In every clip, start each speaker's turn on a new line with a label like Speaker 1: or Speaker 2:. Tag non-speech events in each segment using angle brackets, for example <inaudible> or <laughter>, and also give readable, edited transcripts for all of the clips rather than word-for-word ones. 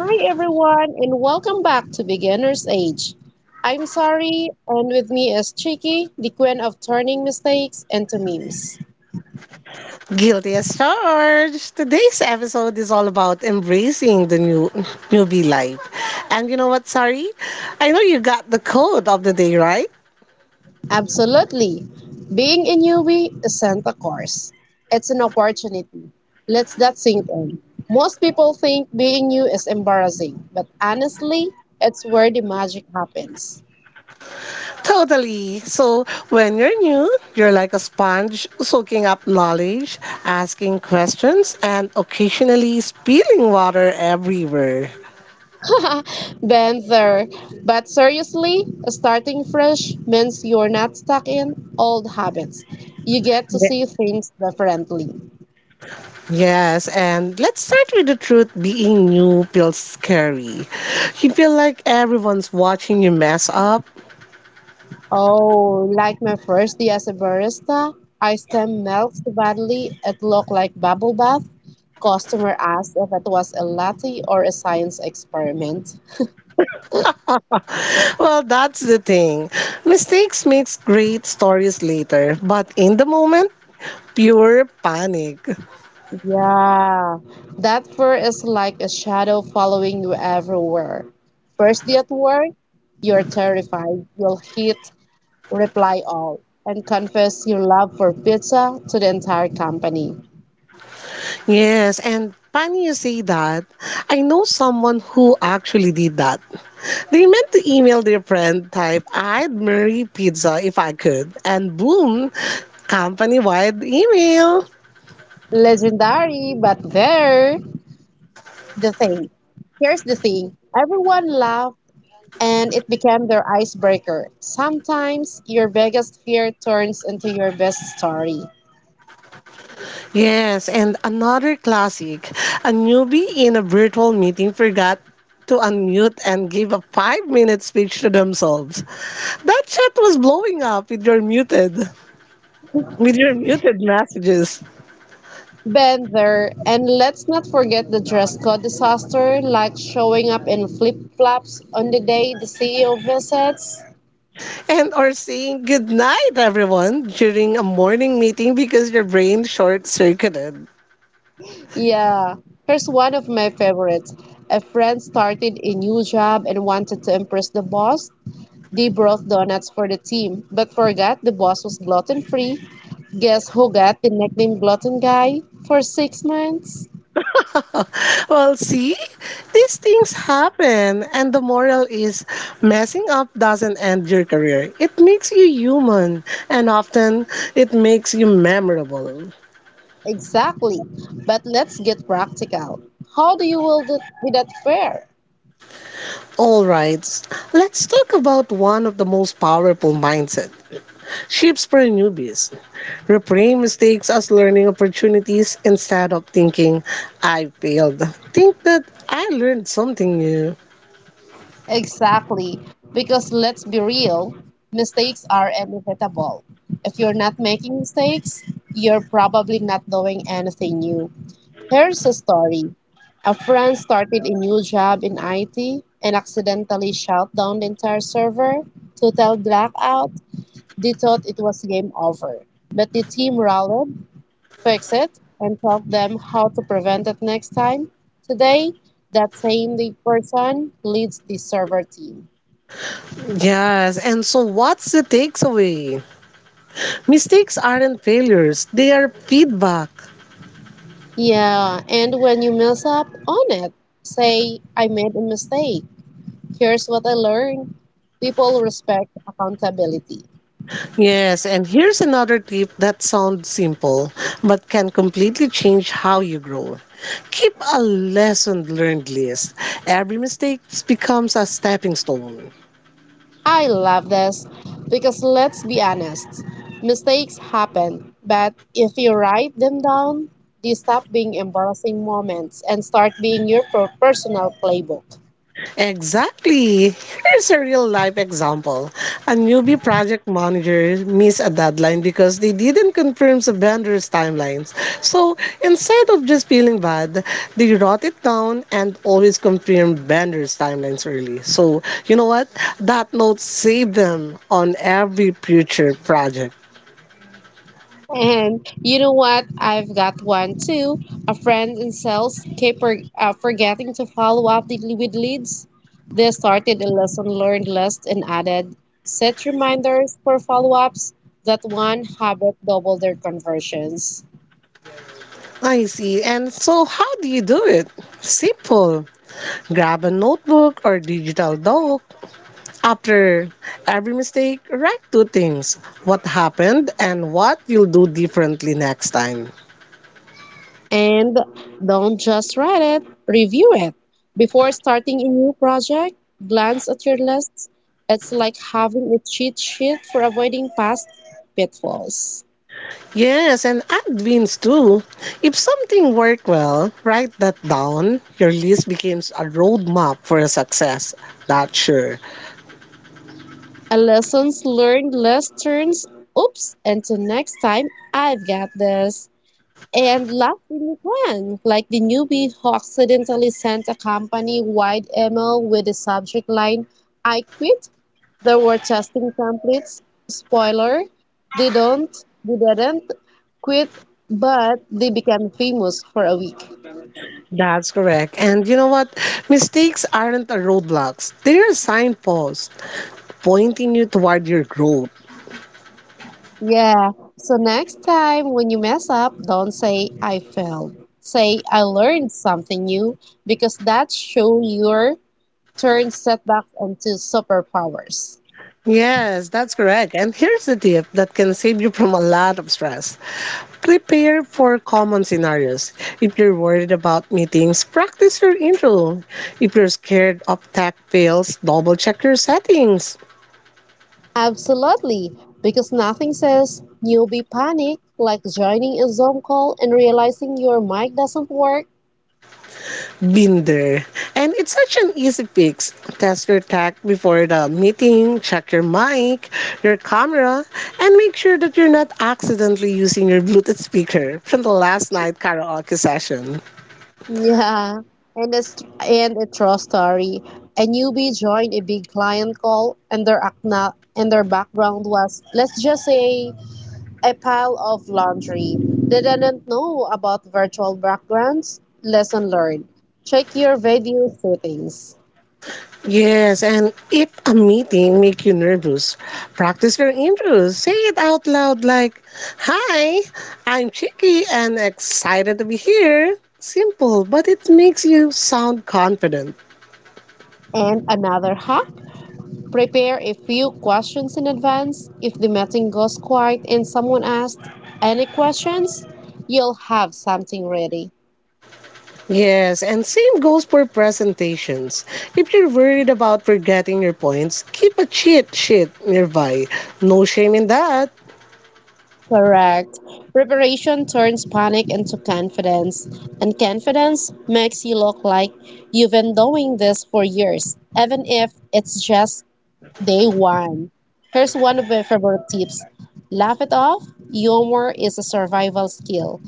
Speaker 1: Hi everyone and welcome back to Beginner's Age. I'm Sari and with me is Chiki, the queen of turning mistakes into memes.
Speaker 2: Guilty as charged. Today's episode is all about embracing the newbie life. And you know what, sorry? I know you got the code of the day, right?
Speaker 1: Absolutely. Being a newbie isn't a course. It's an opportunity. Let's that sink in. Most people think being new is embarrassing, but honestly, it's where the magic happens.
Speaker 2: Totally. So when you're new, you're like a sponge soaking up knowledge, asking questions, and occasionally spilling water everywhere.
Speaker 1: <laughs> Banther. But seriously, starting fresh means you're not stuck in old habits. You get to see things differently.
Speaker 2: Yes, and let's start with the truth being new feels scary. You feel like everyone's watching you mess up.
Speaker 1: Oh, like my first day as a barista, ice cream melts badly. It looked like bubble bath. Customer asked if it was a latte or a science experiment.
Speaker 2: Well, that's the thing. Mistakes makes great stories later, but in the moment, pure panic.
Speaker 1: Yeah, that fur is like a shadow following you everywhere. First day at work, you're terrified. You'll hit reply all and confess your love for pizza to the entire company.
Speaker 2: Yes, and funny you say that. I know someone who actually did that. They meant to email their friend type, I'd marry pizza if I could, and boom, company-wide email.
Speaker 1: Legendary, but there. The thing. Here's the thing. Everyone laughed and it became their icebreaker. Sometimes your biggest fear turns into your best story.
Speaker 2: Yes, and another classic. A newbie in a virtual meeting forgot to unmute and give a 5 minute speech to themselves. That chat was blowing up with your muted messages.
Speaker 1: Been there, and let's not forget the dress code disaster, like showing up in flip flops on the day the CEO visits.
Speaker 2: And or saying good night everyone during a morning meeting because your brain short circuited.
Speaker 1: Yeah, here's one of my favorites. A friend started a new job and wanted to impress the boss. They brought donuts for the team, but forgot the boss was gluten free. Guess who got the nickname Glutton Guy for 6 months?
Speaker 2: <laughs> Well, see, these things happen, and the moral is messing up doesn't end your career. It makes you human, and often it makes you memorable.
Speaker 1: Exactly. But let's get practical. How do you will get without fair?
Speaker 2: All right, let's talk about one of the most powerful mindset shifts for newbies. Reframe mistakes as learning opportunities instead of thinking I failed. Think that I learned something new.
Speaker 1: Exactly. Because let's be real, mistakes are inevitable. If you're not making mistakes, you're probably not doing anything new. Here's a story. A friend started a new job in IT and accidentally shut down the entire server. Total blackout. They thought it was game over. But the team rallied, fixed it, and taught them how to prevent it next time. Today, that same person leads the server team.
Speaker 2: Yes, and so what's the takeaway? Mistakes aren't failures, they are feedback.
Speaker 1: Yeah, and when you mess up, own it. Say, I made a mistake. Here's what I learned. People respect accountability.
Speaker 2: Yes, and here's another tip that sounds simple but can completely change how you grow. Keep a lesson learned list. Every mistake becomes a stepping stone.
Speaker 1: I love this because let's be honest, mistakes happen, but if you write them down, they stop being embarrassing moments and start being your personal playbook.
Speaker 2: Exactly. Here's a real life example. A newbie project manager missed a deadline because they didn't confirm the vendor's timelines. So instead of just feeling bad, they wrote it down and always confirmed vendor's timelines early. So you know what? That note saved them on every future project.
Speaker 1: And you know what? I've got one too. A friend in sales kept forgetting to follow up with leads. They started a lesson learned list and added set reminders for follow ups. That one habit doubled their conversions.
Speaker 2: I see. And so how do you do it? Simple. Grab a notebook or digital doc. After every mistake, write two things: what happened and what you'll do differently next time.
Speaker 1: And don't just write it, review it. Before starting a new project, glance at your lists. It's like having a cheat sheet for avoiding past pitfalls.
Speaker 2: Yes, and add wins too. If something worked well, write that down. Your list becomes a roadmap for a success. That's sure.
Speaker 1: A lessons learned list turns oops into next time I've got this. And lastly, you plan, like the newbie who accidentally sent a company wide email with the subject line I quit. There were testing templates. Spoiler, they don't, they didn't quit, but they became famous for a week.
Speaker 2: That's correct. And you know what? Mistakes aren't a roadblocks. They're signposts pointing you toward your growth.
Speaker 1: Yeah, so next time when you mess up, don't say I failed. Say I learned something new because that show your turn setbacks into superpowers.
Speaker 2: Yes, that's correct. And here's the tip that can save you from a lot of stress. Prepare for common scenarios. If you're worried about meetings, practice your intro. If you're scared of tech fails, double check your settings.
Speaker 1: Absolutely, because nothing says newbie panic like joining a Zoom call and realizing your mic doesn't work.
Speaker 2: Been there. And it's such an easy fix. Test your tech before the meeting, check your mic, your camera, and make sure that you're not accidentally using your Bluetooth speaker from the last night karaoke session.
Speaker 1: Yeah, and it's and a true story. A newbie joined a big client call, and their background was, let's just say, a pile of laundry. They didn't know about virtual backgrounds. Lesson learned. Check your video settings.
Speaker 2: Yes, and if a meeting make you nervous, practice your intros. Say it out loud like, "Hi, I'm Chicky and excited to be here." Simple, but it makes you sound confident.
Speaker 1: And another hack: prepare a few questions in advance. If the meeting goes quiet and someone asks any questions, you'll have something ready.
Speaker 2: Yes, and same goes for presentations. If you're worried about forgetting your points, keep a cheat sheet nearby. No shame in that.
Speaker 1: Correct. Preparation turns panic into confidence, and confidence makes you look like you've been doing this for years, even if it's just day one. Here's one of my favorite tips: laugh it off. Humor is a survival skill.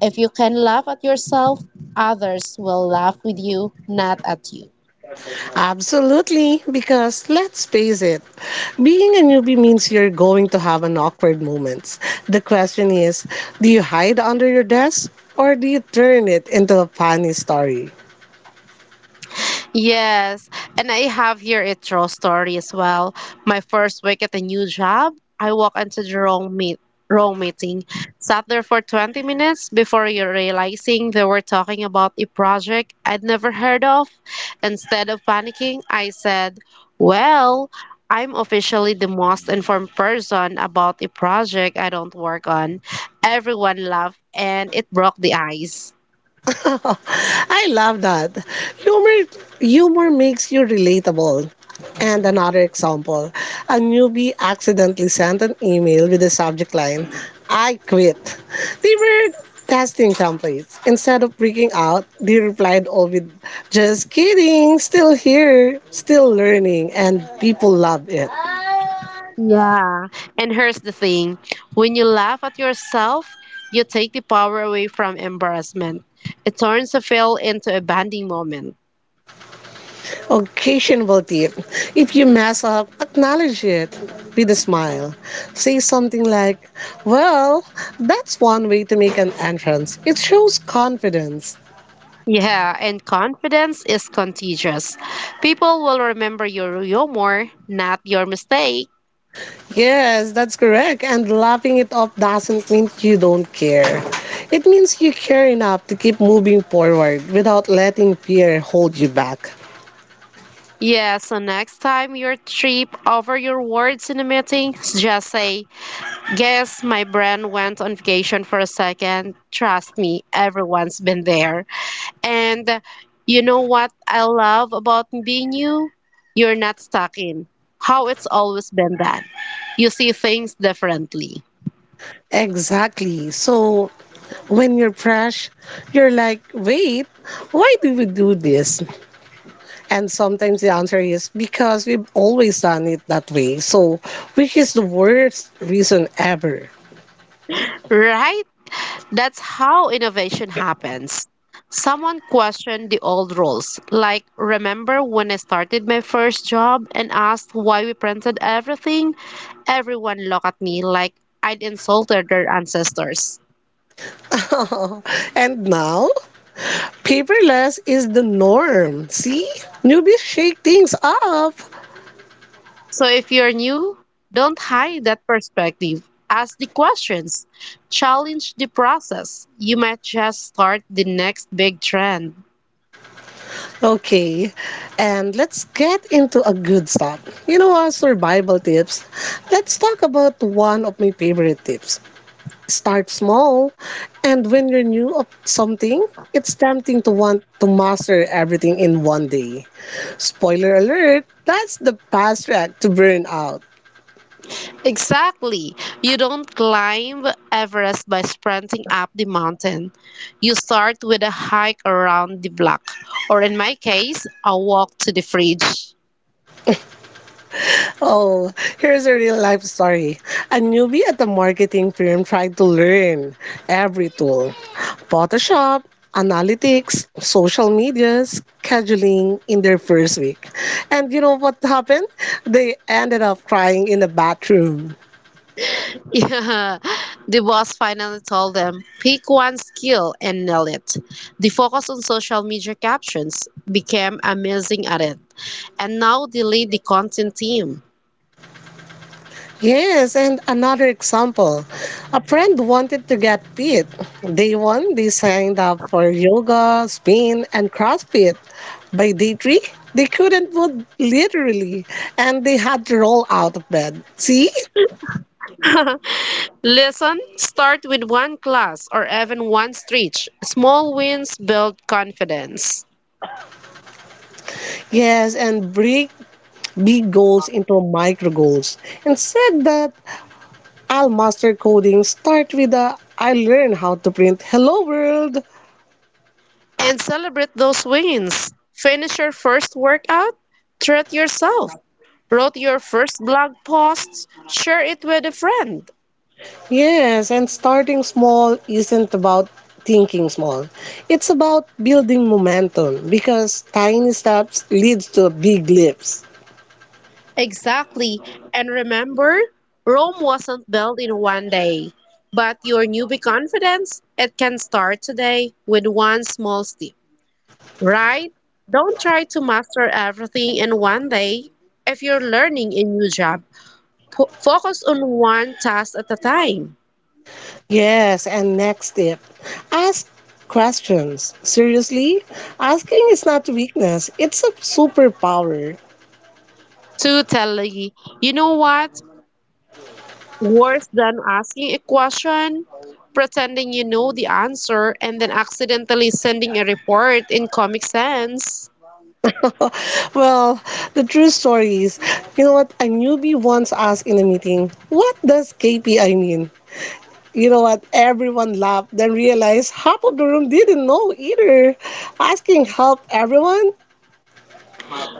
Speaker 1: If you can laugh at yourself, others will laugh with you, not at you.
Speaker 2: Absolutely, because let's face it, being a newbie means you're going to have an awkward moments. The question is, do you hide under your desk or do you turn it into a funny story?
Speaker 1: Yes, and I have here a true story as well. My first week at a new job, I walked into the wrong meeting, sat there for 20 minutes before you realizing they were talking about a project I'd never heard of. Instead of panicking, I said, "Well, I'm officially the most informed person about a project I don't work on." Everyone laughed, and it broke the ice.
Speaker 2: <laughs> I love that. Humor humor makes you relatable. And another example, a newbie accidentally sent an email with the subject line, I quit. They were testing templates. Instead of freaking out, they replied all with, just kidding, still here, still learning, and people love it.
Speaker 1: Yeah. And here's the thing: when you laugh at yourself, you take the power away from embarrassment. It turns a fail into a bonding moment.
Speaker 2: Occasional tip. If you mess up, acknowledge it with a smile. Say something like, well, that's one way to make an entrance. It shows confidence.
Speaker 1: Yeah, and confidence is contagious. People will remember your humor, not your mistake.
Speaker 2: Yes, that's correct. And laughing it off doesn't mean you don't care. It means you care enough to keep moving forward without letting fear hold you back.
Speaker 1: Yeah, so next time you trip over your words in a meeting, just say, "Guess my brain went on vacation for a second." Trust me, everyone's been there. And you know what I love about being you? You're not stuck in how it's always been done. You see things differently.
Speaker 2: Exactly. So when you're fresh, you're like, wait, why do we do this? And sometimes the answer is because we've always done it that way. So, which is the worst reason ever.
Speaker 1: Right? That's how innovation happens. Someone questioned the old rules, like remember when I started my first job and asked why we printed everything? Everyone looked at me like I'd insulted their ancestors.
Speaker 2: <laughs> And now, paperless is the norm. See? Newbies shake things up.
Speaker 1: So if you're new, don't hide that perspective. Ask the questions, challenge the process. You might just start the next big trend.
Speaker 2: Okay, and let's get into a good start. You know what? Survival tips. Let's talk about one of my favorite tips. Start small, and when you're new of something, it's tempting to want to master everything in one day. Spoiler alert, that's the fast track to burnout.
Speaker 1: Exactly. You don't climb Everest by sprinting up the mountain. You start with a hike around the block, or in my case, a walk to the fridge. <laughs>
Speaker 2: Oh, here's a real life story. A newbie at a marketing firm tried to learn every tool: Photoshop, analytics, social media, scheduling in their first week. And you know what happened? They ended up crying in the bathroom.
Speaker 1: Yeah. The boss finally told them, pick one skill and nail it. The focus on social media captions became amazing at it, and now they lead the content team.
Speaker 2: Yes, and another example. A friend wanted to get fit. Day one, they signed up for yoga, spin, and CrossFit. By day three, they couldn't move literally, and they had to roll out of bed. See?
Speaker 1: Listen, start with one class or even one stretch. Small wins build confidence.
Speaker 2: Yes, and break big goals into micro goals. Instead that I'll master coding, start with the "I learn how to print hello world."
Speaker 1: And celebrate those wins. Finish your first workout, treat yourself, wrote your first blog post, share it with a friend.
Speaker 2: Yes, and starting small isn't about thinking small. It's about building momentum because tiny steps leads to big leaps.
Speaker 1: Exactly. And remember, Rome wasn't built in one day. But your newbie confidence, it can start today with one small step, right? Don't try to master everything in one day. If you're learning a new job, focus on one task at a time.
Speaker 2: Yes, and next step, ask questions. Seriously, asking is not a weakness, it's a superpower.
Speaker 1: Totally. You know what? Worse than asking a question, pretending you know the answer and then accidentally sending a report in Comic Sans.
Speaker 2: <laughs> Well, the true story is, you know what, a newbie once asked in a meeting, what does KPI mean? You know what? Everyone laughed, then realized half of the room didn't know either. Asking help, everyone?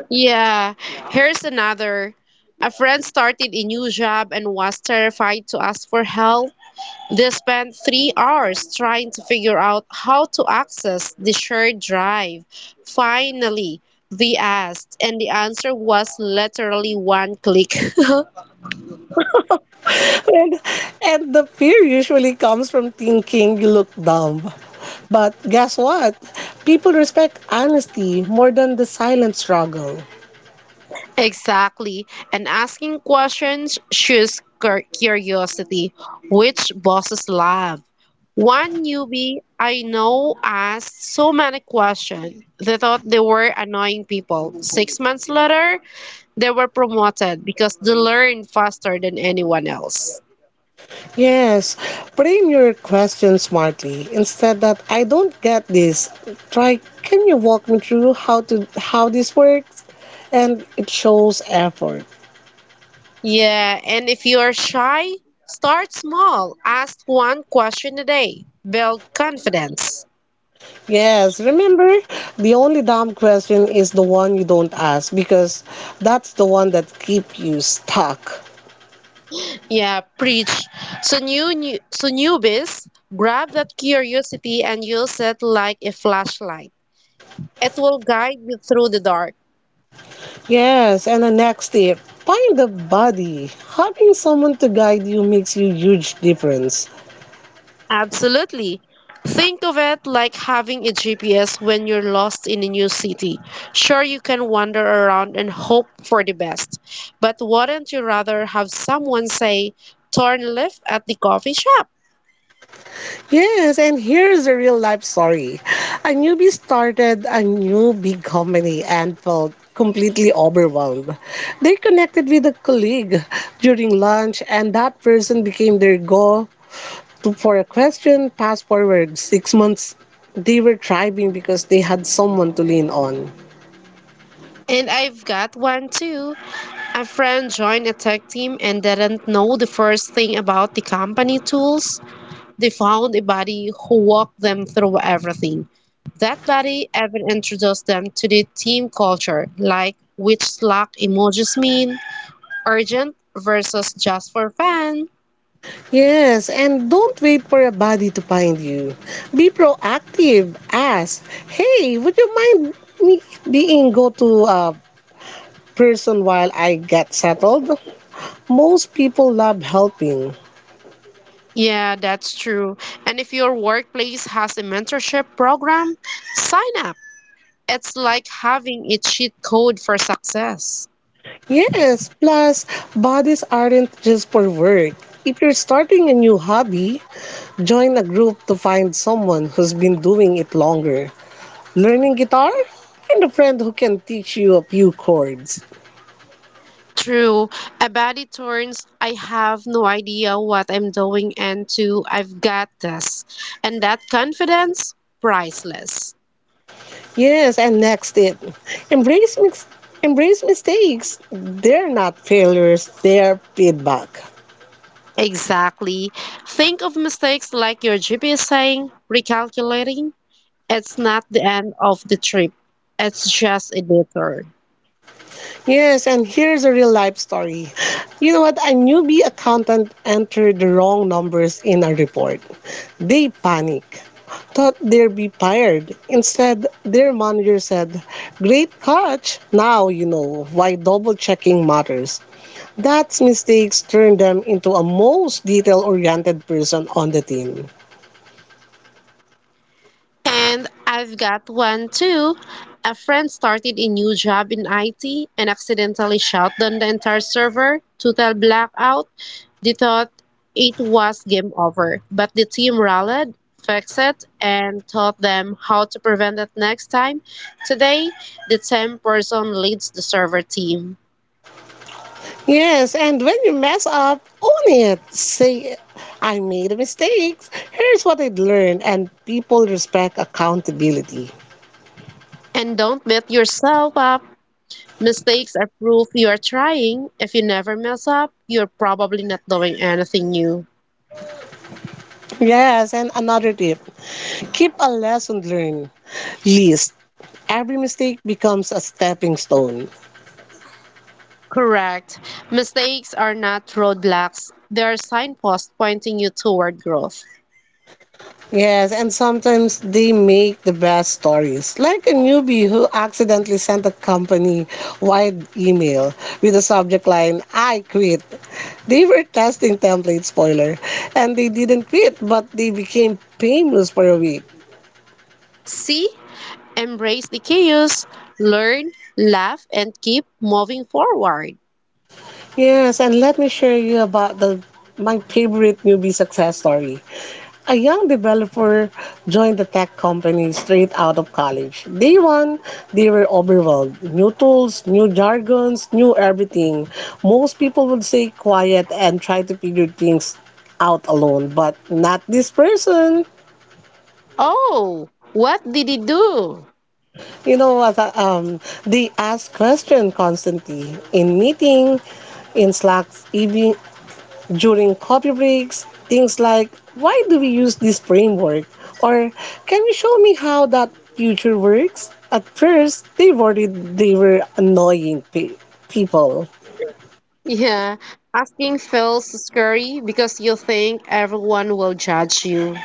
Speaker 1: Yeah, here's another. A friend started a new job and was terrified to ask for help. They spent 3 hours trying to figure out how to access the shared drive. Finally, they asked, and the answer was literally one click.
Speaker 2: <laughs> And, and the fear usually comes from thinking you look dumb. But guess what? People respect honesty more than the silent struggle.
Speaker 1: Exactly. And asking questions shows curiosity, which bosses love. One newbie I know asked so many questions. They thought they were annoying people. 6 months later, they were promoted because they learned faster than anyone else.
Speaker 2: Yes, frame your question smartly. Instead that I don't get this, try can you walk me through how this works? And it shows effort.
Speaker 1: Yeah, and if you are shy, start small. Ask one question a day. Build confidence.
Speaker 2: Yes, remember, the only dumb question is the one you don't ask because that's the one that keep you stuck.
Speaker 1: Yeah, preach. So newbies, grab that curiosity and use it like a flashlight. It will guide you through the dark.
Speaker 2: Yes, and the next tip, find a buddy. Having someone to guide you makes you huge difference.
Speaker 1: Absolutely. Think of it like having a GPS when you're lost in a new city. Sure, you can wander around and hope for the best, but wouldn't you rather have someone say, turn left at the coffee shop?
Speaker 2: Yes, and here's a real life story. A newbie started a new big company and felt completely overwhelmed. They connected with a colleague during lunch and that person became their go to, for a question, fast forward 6 months, they were thriving because they had someone to lean on.
Speaker 1: And I've got one too. A friend joined a tech team and didn't know the first thing about the company tools. They found a buddy who walked them through everything. That buddy even introduced them to the team culture, like which Slack emojis mean, urgent versus just for fun.
Speaker 2: Yes, and don't wait for a body to find you. Be proactive. Ask, hey, would you mind me being go to a person while I get settled? Most people love helping.
Speaker 1: Yeah, that's true. And if your workplace has a mentorship program, sign up. It's like having a cheat code for success.
Speaker 2: Yes, plus bodies aren't just for work. If you're starting a new hobby, join a group to find someone who's been doing it longer. Learning guitar? And a friend who can teach you a few chords.
Speaker 1: True. A body turns, I have no idea what I'm doing, and to I've got this. And that confidence, priceless.
Speaker 2: Yes, and next it. Embrace mix Embrace mistakes. They're not failures, they're feedback.
Speaker 1: Exactly. Think of mistakes like your GPS saying, recalculating. It's not the end of the trip, it's just a detour.
Speaker 2: Yes, and here's a real life story. You know what? A newbie accountant entered the wrong numbers in a report. They panic. Thought they'd be fired. Instead, their manager said, great catch! Now you know why double checking matters. That mistakes turned them into a most detail-oriented person on the team.
Speaker 1: And I've got one too. A friend started a new job in IT and accidentally shut down the entire server, total blackout. They thought it was game over, but the team rallied, fixed it, and taught them how to prevent it next time. Today, the same person leads the server team.
Speaker 2: Yes, and when you mess up, own it. Say, I made a mistake. Here's what I learned, and people respect accountability.
Speaker 1: And don't beat yourself up. Mistakes are proof you are trying. If you never mess up, you're probably not doing anything new.
Speaker 2: Yes, and another tip: keep a lesson learned list. Every mistake becomes a stepping stone.
Speaker 1: Correct. Mistakes are not roadblocks, they are signposts pointing you toward growth.
Speaker 2: Yes, and sometimes they make the best stories, like a newbie who accidentally sent a company wide email with the subject line, I quit. They were testing template spoiler, and they didn't quit, but they became famous for a week.
Speaker 1: See, embrace the chaos, learn, laugh, and keep moving forward.
Speaker 2: Yes, and let me share you about the my favorite newbie success story. A young developer joined the tech company straight out of college. Day one, they were overwhelmed. New tools, new jargons, new everything. Most people would stay quiet and try to figure things out alone, but not this person.
Speaker 1: Oh, what did he do?
Speaker 2: You know what? They ask questions constantly in meeting, in Slack, even during coffee breaks, things like why do we use this framework? Or can you show me how that future works? At first, they worried they were people.
Speaker 1: Yeah, asking feels scary because you think everyone will judge you.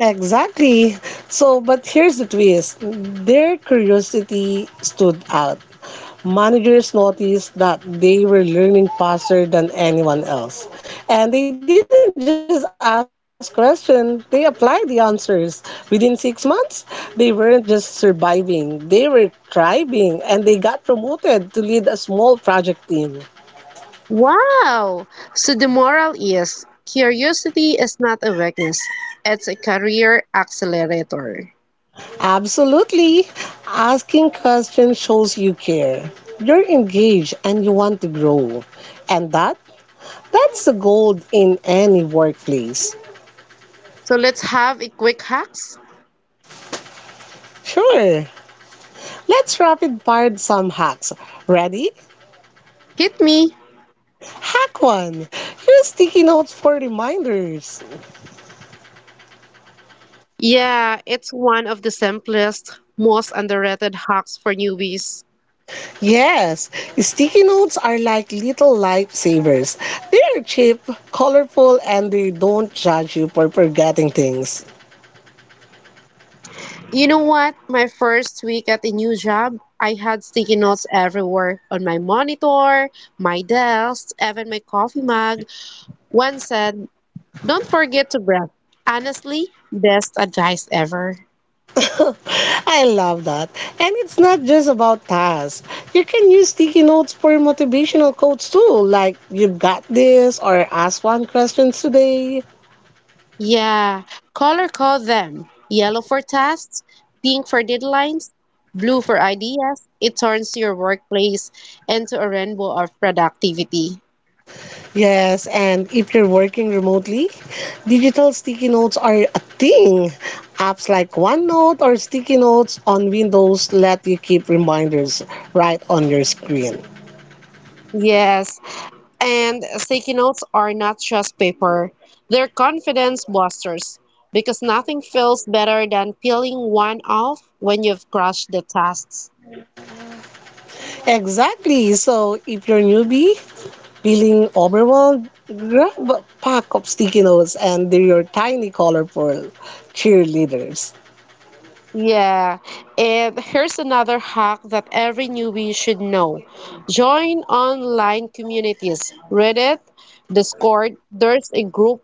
Speaker 2: Exactly. So, but here's the twist their curiosity stood out. Managers noticed that they were learning faster than anyone else. And they didn't just ask questions, they applied the answers. Within 6 months, they weren't just surviving, they were thriving, and they got promoted to lead a small project team.
Speaker 1: Wow! So the moral is curiosity is not a weakness, it's a career accelerator.
Speaker 2: Absolutely. Asking questions shows you care. You're engaged and you want to grow. And that's the gold in any workplace.
Speaker 1: So let's have a quick hacks.
Speaker 2: Sure. Let's rapid fire some hacks. Ready?
Speaker 1: Hit me.
Speaker 2: Hack one. Use sticky notes for reminders.
Speaker 1: Yeah, it's one of the simplest, most underrated hacks for newbies.
Speaker 2: Yes, sticky notes are like little lifesavers. They are cheap, colorful, and they don't judge you for forgetting things.
Speaker 1: You know what? My first week at a new job, I had sticky notes everywhere on my monitor, my desk, even my coffee mug. One said, "Don't forget to breath." Honestly, best advice ever.
Speaker 2: I love that. And it's not just about tasks. You can use sticky notes for motivational quotes too, like you've got this or ask one question today.
Speaker 1: Yeah, color code them. Yellow for tasks, pink for deadlines, blue for ideas. It turns your workplace into a rainbow of productivity.
Speaker 2: Yes, and if you're working remotely, digital sticky notes are a thing. Apps like OneNote or Sticky Notes on Windows let you keep reminders right on your screen.
Speaker 1: Yes, and sticky notes are not just paper. They're confidence busters because nothing feels better than peeling one off when you've crushed the tasks.
Speaker 2: Exactly. So if you're newbie, feeling overwhelmed, grab a pack of sticky notes and they're your tiny colorful cheerleaders.
Speaker 1: Yeah, and here's another hack that every newbie should know. Join online communities. Reddit, Discord, there's a group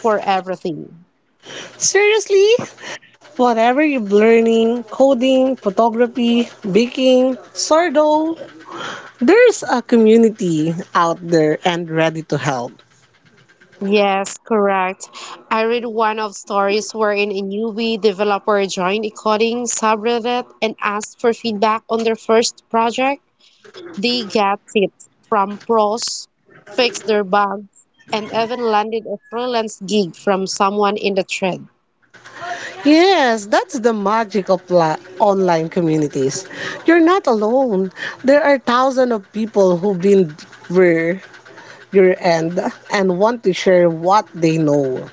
Speaker 1: for everything.
Speaker 2: Seriously, whatever you're learning, coding, photography, baking, sourdough, there's a community out there and ready to help.
Speaker 1: Yes, correct. I read one of stories wherein a newbie developer joined a coding subreddit and asked for feedback on their first project. They got tips from pros, fixed their bugs, and even landed a freelance gig from someone in the thread.
Speaker 2: Yes, that's the magic of online communities. You're not alone. There are thousands of people who've been where your end and want to share what they know.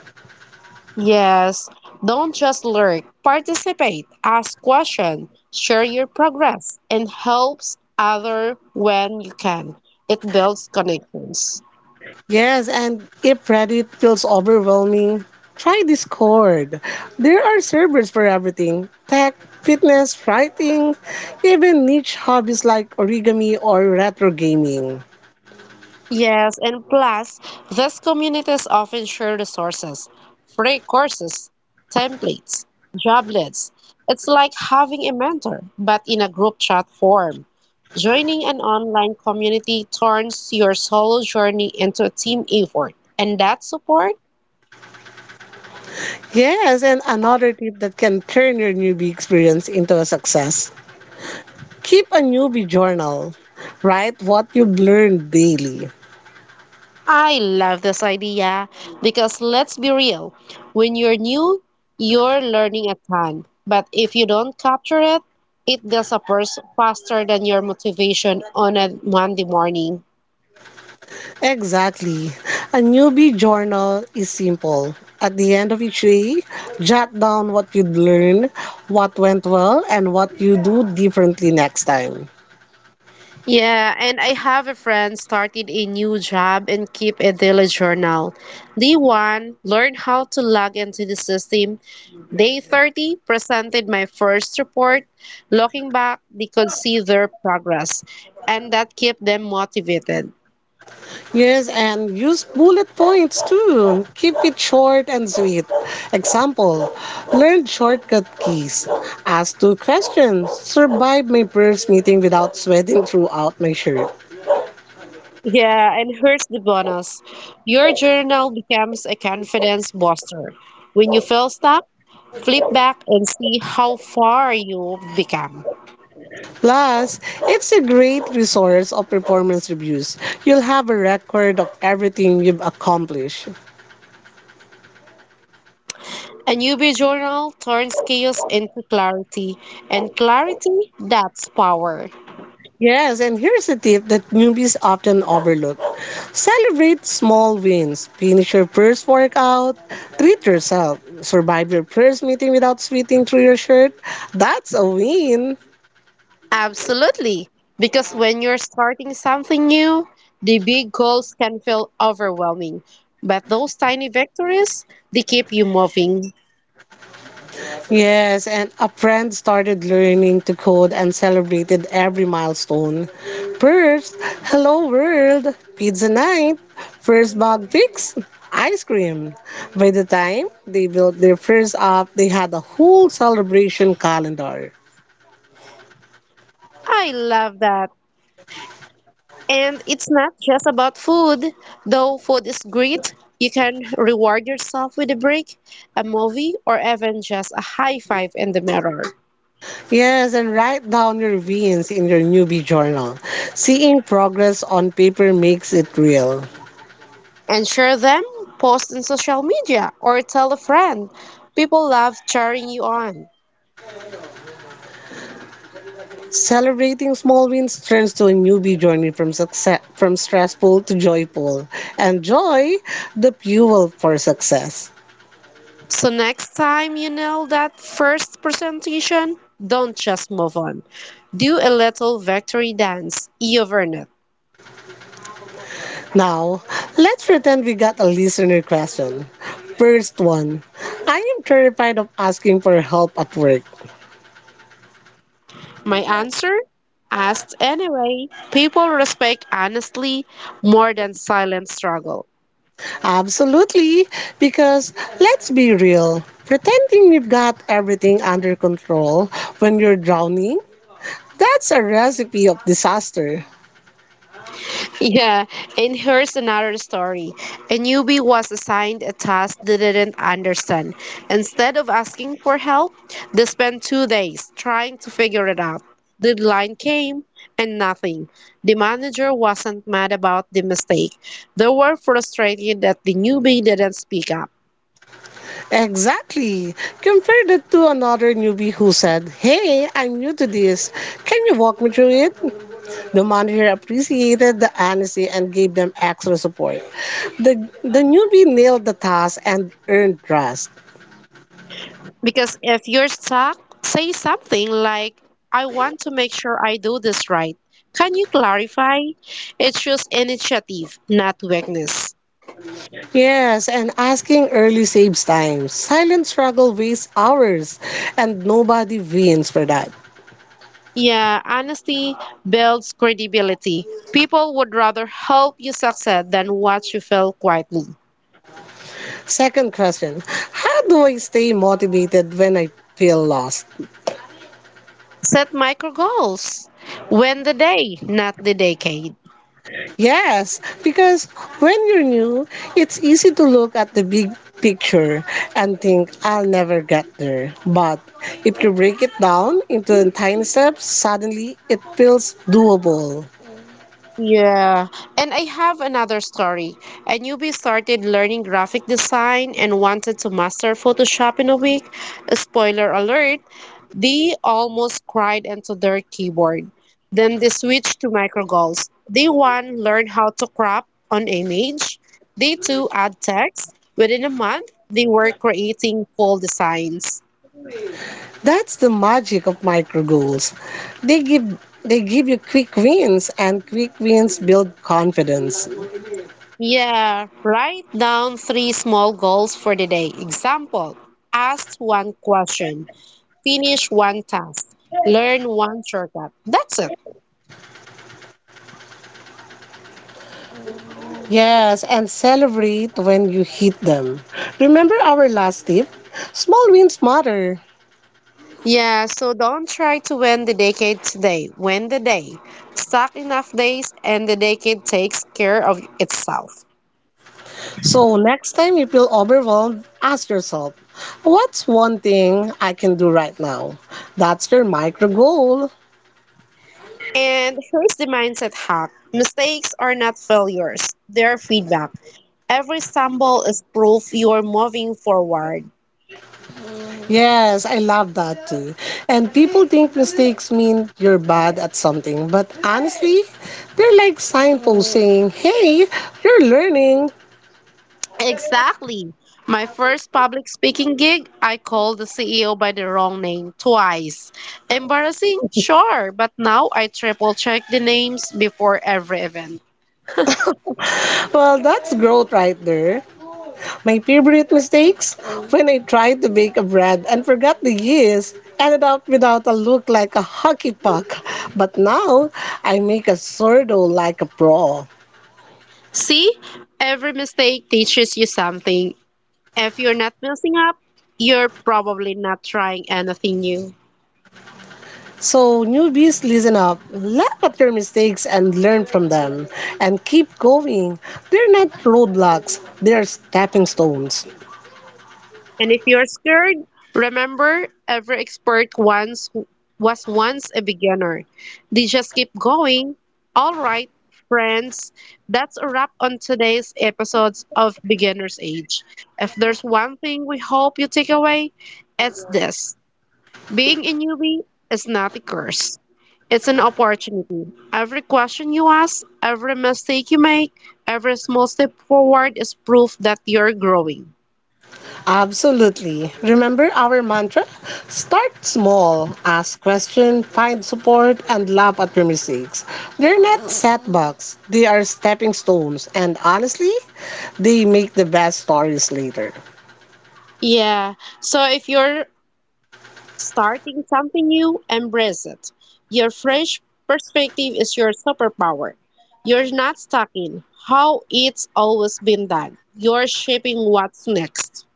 Speaker 1: Yes, don't just lurk. Participate, ask questions, share your progress, and helps other when you can. It builds connections.
Speaker 2: Yes, and if Reddit feels overwhelming, try Discord. There are servers for everything tech, fitness, writing, even niche hobbies like origami or retro gaming.
Speaker 1: Yes, and plus, these communities often share resources, free courses, templates, job lists. It's like having a mentor, but in a group chat form. Joining an online community turns your solo journey into a team effort, and that support.
Speaker 2: Yes, and another tip that can turn your newbie experience into a success. Keep a newbie journal. Write what you've learned daily.
Speaker 1: I love this idea because let's be real, when you're new, you're learning a ton. But if you don't capture it, it disappears faster than your motivation on a Monday morning.
Speaker 2: Exactly. A newbie journal is simple. At the end of each day, jot down what you'd learn, what went well, and what you do differently next time.
Speaker 1: Yeah, and I have a friend started a new job and keep a daily journal. Day one, learn how to log into the system. Day 30, presented my first report. Looking back, they could see their progress, and that kept them motivated.
Speaker 2: Yes, and use bullet points too. Keep it short and sweet. Example, learn shortcut keys. Ask two questions. Survive my first meeting without sweating throughout my shirt.
Speaker 1: Yeah, and here's the bonus. Your journal becomes a confidence booster. When you feel stuck, flip back and see how far you've become.
Speaker 2: Plus, it's a great resource of performance reviews. You'll have a record of everything you've accomplished.
Speaker 1: A newbie journal turns chaos into clarity, and clarity, that's power.
Speaker 2: Yes, and here's a tip that newbies often overlook. Celebrate small wins. Finish your first workout. Treat yourself. Survive your first meeting without sweating through your shirt. That's a win.
Speaker 1: Absolutely. Because when you're starting something new, the big goals can feel overwhelming. But those tiny victories, they keep you moving.
Speaker 2: Yes, and a friend started learning to code and celebrated every milestone. First, hello world, pizza night. First bug fix, ice cream. By the time they built their first app, they had a whole celebration calendar.
Speaker 1: I love that. And it's not just about food. Though food is great, you can reward yourself with a break, a movie, or even just a high five in the mirror.
Speaker 2: Yes, and write down your wins in your newbie journal. Seeing progress on paper makes it real.
Speaker 1: And share them, post in social media, or tell a friend. People love cheering you on.
Speaker 2: Celebrating small wins turns to a newbie journey from success from stressful to joyful, and joy the fuel for success.
Speaker 1: So next time you nail that first presentation, don't just move on. Do a little victory dance. You've earned it.
Speaker 2: Now, let's pretend we got a listener question. First one. I am terrified of asking for help at work.
Speaker 1: My answer? Asked anyway. People respect honestly more than silent struggle.
Speaker 2: Absolutely, because let's be real, pretending you've got everything under control when you're drowning, that's a recipe of disaster.
Speaker 1: Yeah, and here's another story. A newbie was assigned a task they didn't understand. Instead of asking for help, they spent 2 days trying to figure it out. The deadline came and nothing. The manager wasn't mad about the mistake. They were frustrated that the newbie didn't speak up.
Speaker 2: Exactly. Compare that to another newbie who said, "Hey, I'm new to this. Can you walk me through it?" The manager appreciated the honesty and gave them extra support. The newbie nailed the task and earned trust.
Speaker 1: Because if you're stuck, say something like, I want to make sure I do this right. Can you clarify? It shows initiative, not weakness.
Speaker 2: Yes, and asking early saves time. Silent struggle wastes hours, and nobody wins for that.
Speaker 1: Yeah, honesty builds credibility. People would rather help you succeed than watch you fail quietly.
Speaker 2: Second question, how do I stay motivated when I feel lost?
Speaker 1: Set micro goals. Win the day, not the decade.
Speaker 2: Yes, because when you're new, it's easy to look at the big picture and think, I'll never get there. But if you break it down into tiny steps, suddenly it feels doable.
Speaker 1: Yeah, and I have another story. I newbie started learning graphic design and wanted to master Photoshop in a week. Spoiler alert, they almost cried into their keyboard. Then they switched to micro goals. They one learned how to crop on image. They two add text. Within a month, they were creating full designs.
Speaker 2: That's the magic of micro goals. They give you quick wins and quick wins build confidence.
Speaker 1: Yeah, write down three small goals for the day. Example, ask one question. Finish one task, learn one shortcut. That's it.
Speaker 2: Yes, and celebrate when you hit them. Remember our last tip? Small wins matter.
Speaker 1: Yeah, so don't try to win the decade today. Win the day. Stack enough days, and the decade takes care of itself.
Speaker 2: So next time you feel overwhelmed, ask yourself, what's one thing I can do right now? That's your micro goal.
Speaker 1: And here's the mindset hack mistakes are not failures, they're feedback. Every stumble is proof you're moving forward.
Speaker 2: Yes, I love that too. And people think mistakes mean you're bad at something, but honestly, they're like signposts saying, hey, you're learning.
Speaker 1: Exactly. My first public speaking gig, I called the CEO by the wrong name twice. Embarrassing? Sure, but now I triple check the names before every event.
Speaker 2: Well, that's growth right there. My favorite mistakes? When I tried to bake a bread and forgot the yeast, ended up without a look like a hockey puck. But now, I make a sourdough like a pro.
Speaker 1: See, every mistake teaches you something. If you're not messing up, you're probably not trying anything new.
Speaker 2: So, newbies, listen up, laugh at your mistakes and learn from them, and keep going. They're not roadblocks, they're stepping stones.
Speaker 1: And if you're scared, remember every expert once was once a beginner. They just keep going. All right, friends, that's a wrap on today's episodes of Beginner's Age. If there's one thing we hope you take away, it's this. Being a newbie is not a curse. It's an opportunity. Every question you ask, every mistake you make, every small step forward is proof that you're growing.
Speaker 2: Absolutely. Remember our mantra? Start small, ask questions, find support, and laugh at your mistakes. They're not setbacks, they are stepping stones, and honestly, they make the best stories later.
Speaker 1: Yeah. So if you're starting something new, embrace it. Your fresh perspective is your superpower. You're not stuck in how it's always been done. You're shaping what's next.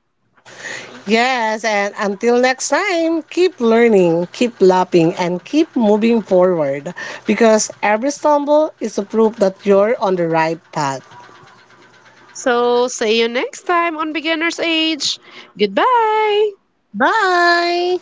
Speaker 2: Yes, and until next time, keep learning, keep laughing, and keep moving forward because every stumble is a proof that you're on the right path.
Speaker 1: So, see you next time on Beginner's Age. Goodbye.
Speaker 2: Bye!